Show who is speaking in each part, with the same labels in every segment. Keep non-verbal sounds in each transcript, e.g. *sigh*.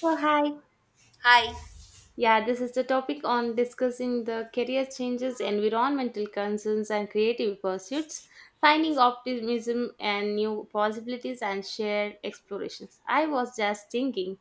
Speaker 1: So hi.
Speaker 2: Hi.
Speaker 1: Yeah, this is the topic on discussing the career changes, environmental concerns, and creative pursuits, finding optimism and new possibilities, and shared explorations. I was just thinking,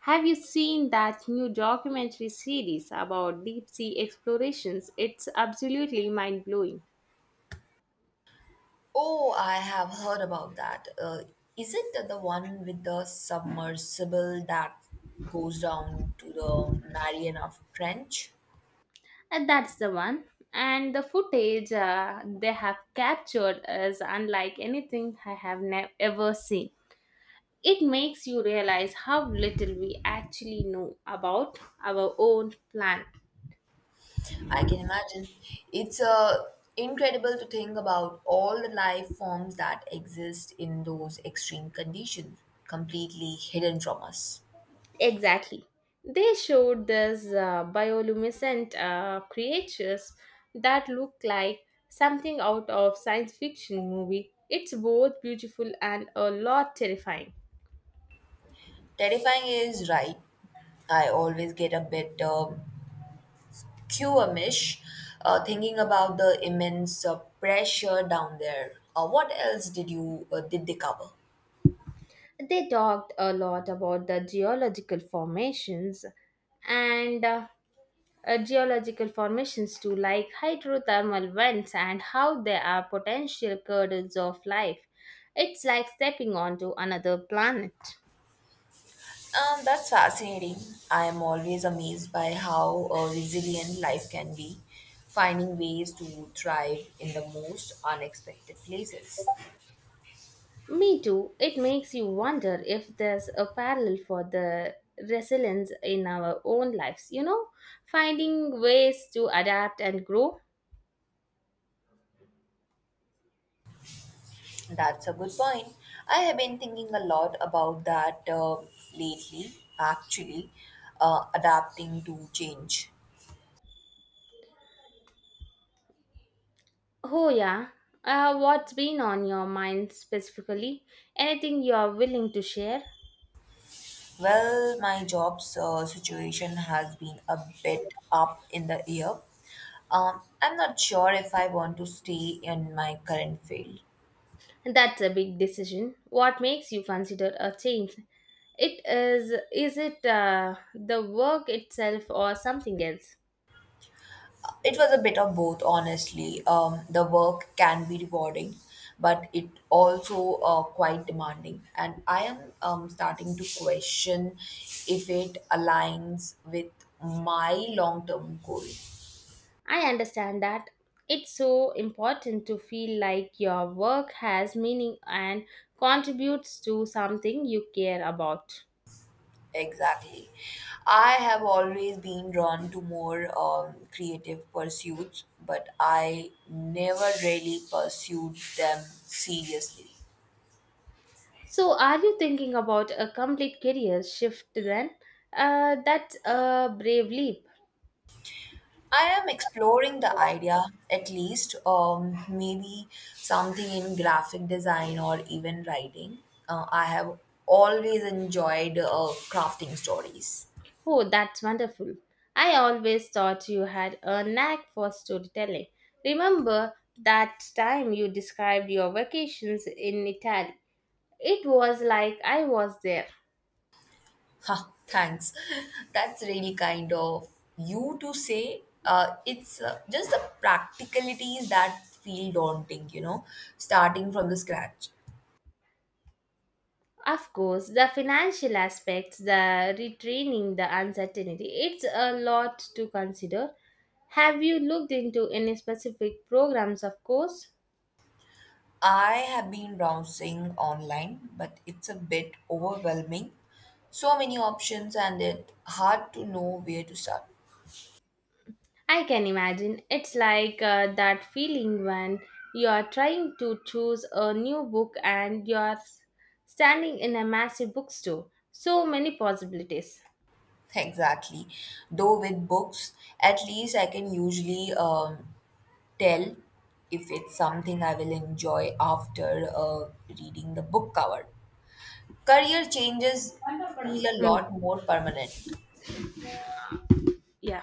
Speaker 1: have you seen that new documentary series about deep sea explorations? It's absolutely mind blowing.
Speaker 2: Oh, I have heard about that. Is it the one with the submersible that goes down to the Mariana Trench?
Speaker 1: And that's the one. And the footage they have captured is unlike anything I have ever seen. It makes you realize how little we actually know about our own planet.
Speaker 2: I can imagine. It's incredible to think about all the life forms that exist in those extreme conditions, completely hidden from us.
Speaker 1: Exactly. They showed these bioluminescent creatures that look like something out of science fiction movie. It's both beautiful and a lot terrifying.
Speaker 2: Terrifying is right. I always get a bit queue, Amish, thinking about the immense pressure down there. What else did they cover?
Speaker 1: They talked a lot about the geological formations and geological formations too, like hydrothermal vents and how they are potential cradles of life. It's like stepping onto another planet.
Speaker 2: That's fascinating. I am always amazed by how resilient life can be, finding ways to thrive in the most unexpected places.
Speaker 1: Me too. It makes you wonder if there's a parallel for the resilience in our own lives, you know, finding ways to adapt and grow.
Speaker 2: That's a good point. I have been thinking a lot about that lately, actually, adapting to change.
Speaker 1: Oh, yeah. What's been on your mind specifically? Anything you are willing to share?
Speaker 2: Well, my job's situation has been a bit up in the air. I'm not sure if I want to stay in my current field.
Speaker 1: That's a big decision. What makes you consider a change? It is it the work itself or something else?
Speaker 2: It was a bit of both, honestly. The work can be rewarding, but it also quite demanding. And I am starting to question if it aligns with my long-term goal.
Speaker 1: I understand that it's so important to feel like your work has meaning and contributes to something you care about.
Speaker 2: Exactly. I have always been drawn to more creative pursuits, but I never really pursued them seriously.
Speaker 1: So, are you thinking about a complete career shift then? That's a brave leap.
Speaker 2: I am exploring the idea, at least, maybe something in graphic design or even writing. I have always enjoyed crafting stories.
Speaker 1: Oh, that's wonderful. I always thought you had a knack for storytelling. Remember that time you described your vacations in Italy? It was like I was there.
Speaker 2: Ha, thanks. *laughs* That's really kind of you to say. It's just the practicalities that feel daunting, you know, starting from the scratch.
Speaker 1: Of course, the financial aspects, the retraining, the uncertainty, it's a lot to consider. Have you looked into any specific programs, of course?
Speaker 2: I have been browsing online, but it's a bit overwhelming. So many options, and it's hard to know where to start.
Speaker 1: I can imagine. It's like that feeling when you are trying to choose a new book and you are standing in a massive bookstore. So many possibilities.
Speaker 2: Exactly. Though with books, at least I can usually tell if it's something I will enjoy after reading the book cover. Career changes feel a
Speaker 1: Mm.
Speaker 2: lot more permanent.
Speaker 1: Yeah.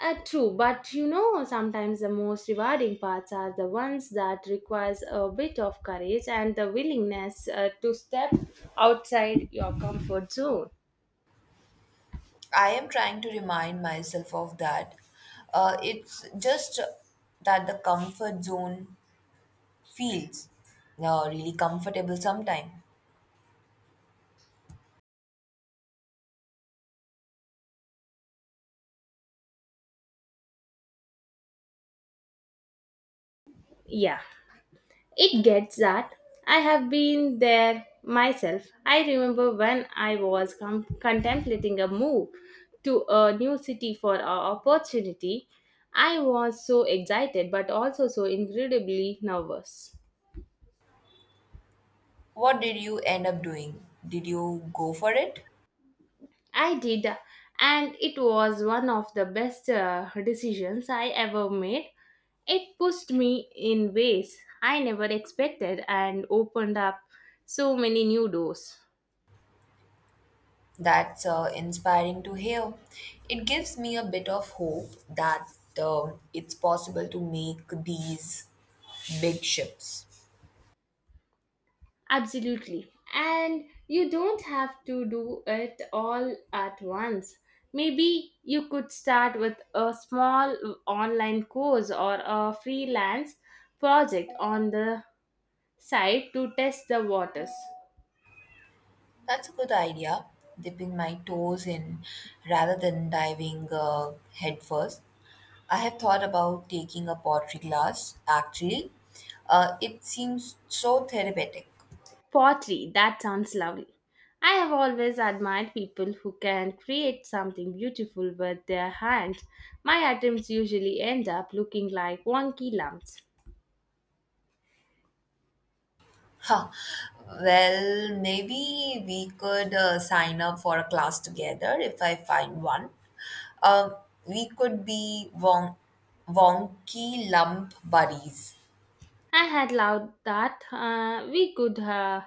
Speaker 1: True, but you know, sometimes the most rewarding parts are the ones that requires a bit of courage and the willingness to step outside your comfort zone.
Speaker 2: I am trying to remind myself of that. It's just that the comfort zone feels really comfortable sometimes.
Speaker 1: Yeah. It gets that. I have been there myself. I remember when I was contemplating a move to a new city for an opportunity. I was so excited but also so incredibly nervous.
Speaker 2: What did you end up doing? Did you go for it?
Speaker 1: I did, and it was one of the best decisions I ever made. It pushed me in ways I never expected and opened up so many new doors.
Speaker 2: That's inspiring to hear. It gives me a bit of hope that it's possible to make these big ships.
Speaker 1: Absolutely. And you don't have to do it all at once. Maybe you could start with a small online course or a freelance project on the side to test the waters.
Speaker 2: That's a good idea, dipping my toes in rather than diving headfirst. I have thought about taking a pottery class, actually. It seems so therapeutic.
Speaker 1: Pottery, that sounds lovely. I have always admired people who can create something beautiful with their hands. My attempts usually end up looking like wonky lumps.
Speaker 2: Huh. Well, maybe we could sign up for a class together if I find one. Um, we could be wonky lump buddies.
Speaker 1: I had loved that. We could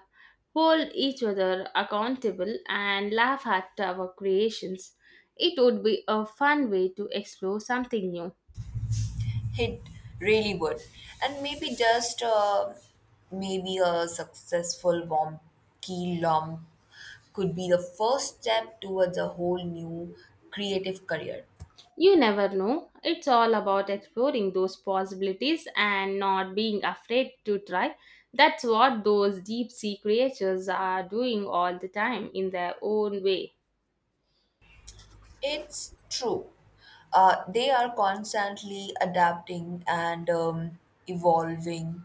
Speaker 1: hold each other accountable and laugh at our creations. It would be a fun way to explore something new.
Speaker 2: It really would. And maybe just maybe a successful wonky lump could be the first step towards a whole new creative career.
Speaker 1: You never know. It's all about exploring those possibilities and not being afraid to try. That's what those deep sea creatures are doing all the time in their own way.
Speaker 2: It's true. They are constantly adapting and evolving,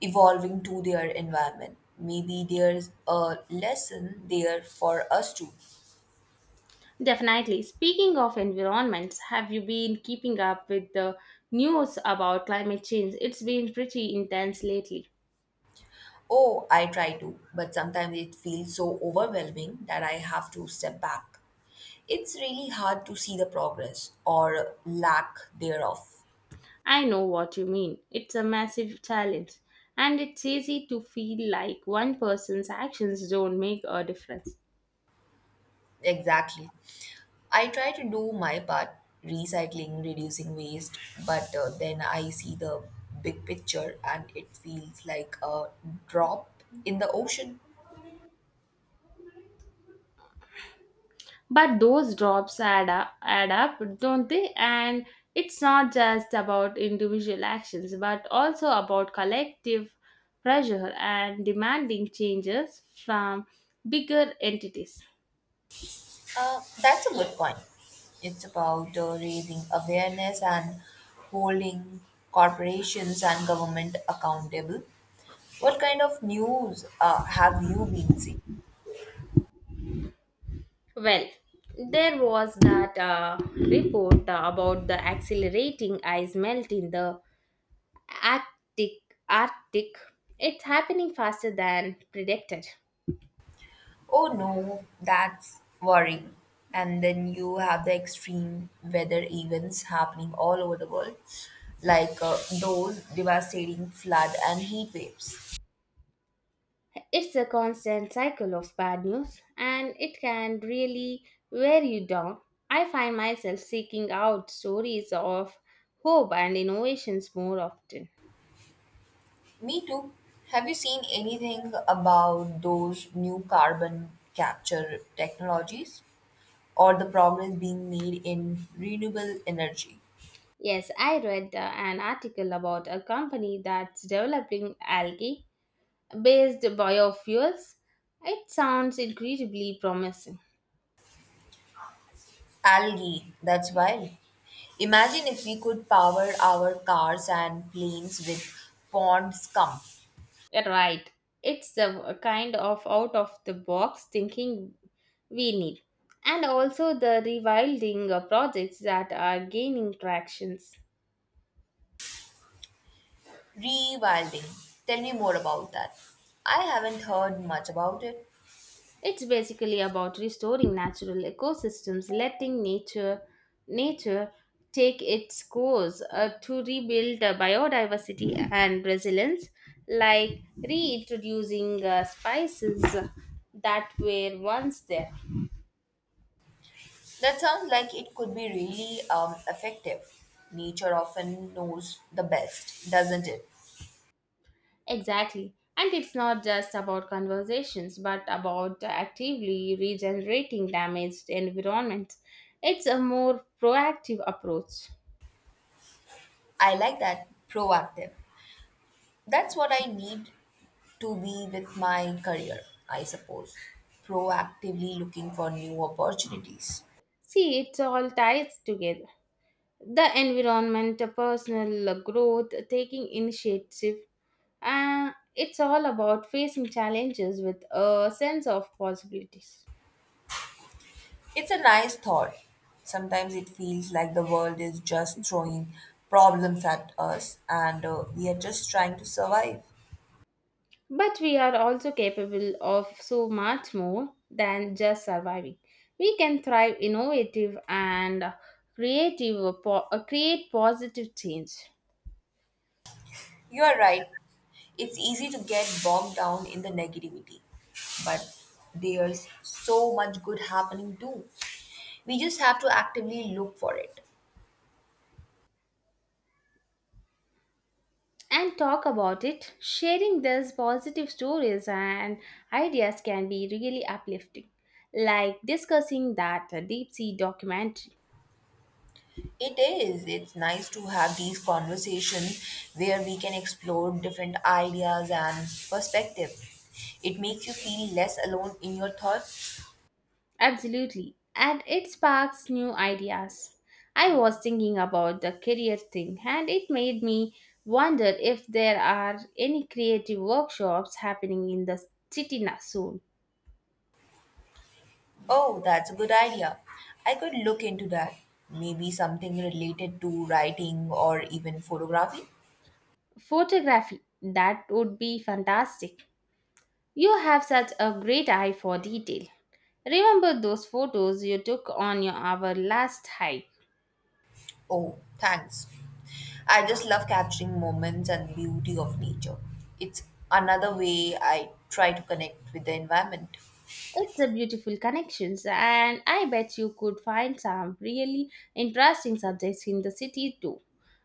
Speaker 2: evolving to their environment. Maybe there's a lesson there for us too.
Speaker 1: Definitely. Speaking of environments, have you been keeping up with the news about climate change? It's been pretty intense lately.
Speaker 2: Oh, I try to, but sometimes it feels so overwhelming that I have to step back. It's really hard to see the progress or lack thereof.
Speaker 1: I know what you mean. It's a massive challenge, and it's easy to feel like one person's actions don't make a difference.
Speaker 2: Exactly. I try to do my part, recycling, reducing waste, but then I see the big picture and it feels like a drop in the ocean.
Speaker 1: But those drops add up, add up, don't they? And it's not just about individual actions but also about collective pressure and demanding changes from bigger entities.
Speaker 2: That's a good point. It's about raising awareness and holding corporations and government accountable. What kind of news have you been seeing?
Speaker 1: Well, there was that report about the accelerating ice melt in the Arctic. Arctic. It's happening faster than predicted.
Speaker 2: Oh no, that's worrying. And then you have the extreme weather events happening all over the world, like those devastating flood and heat waves.
Speaker 1: It's a constant cycle of bad news, and it can really wear you down. I find myself seeking out stories of hope and innovations more often.
Speaker 2: Me too. Have you seen anything about those new carbon capture technologies or the progress being made in renewable energy?
Speaker 1: Yes, I read an article about a company that's developing algae based biofuels. It sounds incredibly promising.
Speaker 2: Algae, that's wild. Imagine if we could power our cars and planes with pond scum.
Speaker 1: Right. It's a kind of out of the box thinking we need. And also the rewilding projects that are gaining tractions.
Speaker 2: Rewilding. Tell me more about that. I haven't heard much about it.
Speaker 1: It's basically about restoring natural ecosystems, letting nature take its course to rebuild biodiversity and resilience, like reintroducing spices that were once there.
Speaker 2: That sounds like it could be really effective. Nature often knows the best, doesn't it?
Speaker 1: Exactly. And it's not just about conversations, but about actively regenerating damaged environments. It's a more proactive approach.
Speaker 2: I like that. Proactive. That's what I need to be with my career, I suppose. Proactively looking for new opportunities.
Speaker 1: See, it all ties together. The environment, the personal growth, taking initiative, it's all about facing challenges with a sense of possibilities.
Speaker 2: It's a nice thought. Sometimes it feels like the world is just throwing problems at us and we are just trying to survive.
Speaker 1: But we are also capable of so much more than just surviving. We can thrive innovative and creative, create positive change
Speaker 2: You are right. It's easy to get bogged down in the negativity, but there's so much good happening too. We just have to actively look for it.
Speaker 1: and talk about it. Sharing these positive stories and ideas can be really uplifting, like discussing that deep sea documentary.
Speaker 2: It is. It's nice to have these conversations where we can explore different ideas and perspective. It makes you feel less alone in your thoughts.
Speaker 1: Absolutely. And it sparks new ideas. I was thinking about the career thing, and it made me wonder if there are any creative workshops happening in the city soon.
Speaker 2: Oh, that's a good idea. I could look into that. Maybe something related to writing or even photography.
Speaker 1: Photography, that would be fantastic. You have such a great eye for detail. Remember those photos you took on your, our last hike?
Speaker 2: Oh, thanks. I just love capturing moments and beauty of nature. It's another way I try to connect with the environment.
Speaker 1: It's a beautiful connections, and I bet you could find some really interesting subjects in the city too.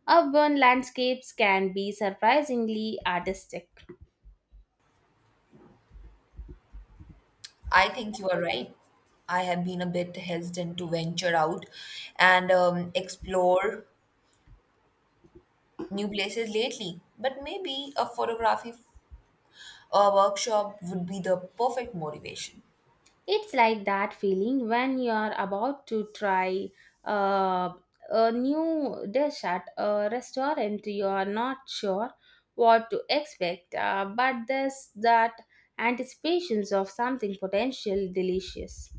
Speaker 1: Urban landscapes can be surprisingly artistic.
Speaker 2: I think you are right. I have been a bit hesitant to venture out and explore new places lately, but maybe a photography or workshop would be the perfect motivation.
Speaker 1: It's like that feeling when you're about to try uh, a new dish at a restaurant. You're not sure what to expect, but there's that anticipations of something potential delicious.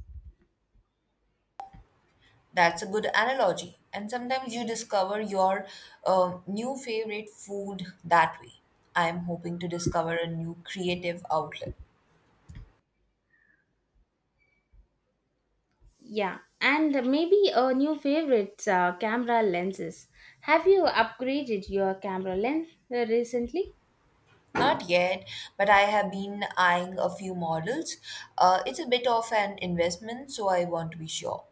Speaker 2: That's a good analogy. And sometimes you discover your new favorite food that way. I'm hoping to discover a new creative outlet.
Speaker 1: Yeah, and maybe a new favorite camera lenses. Have you upgraded your camera lens recently?
Speaker 2: Not yet, but I have been eyeing a few models. It's a bit of an investment, so I want to be sure.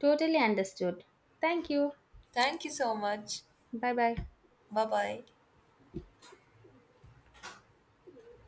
Speaker 1: Totally understood. Thank you.
Speaker 2: Thank you so much.
Speaker 1: Bye bye.
Speaker 2: Bye bye.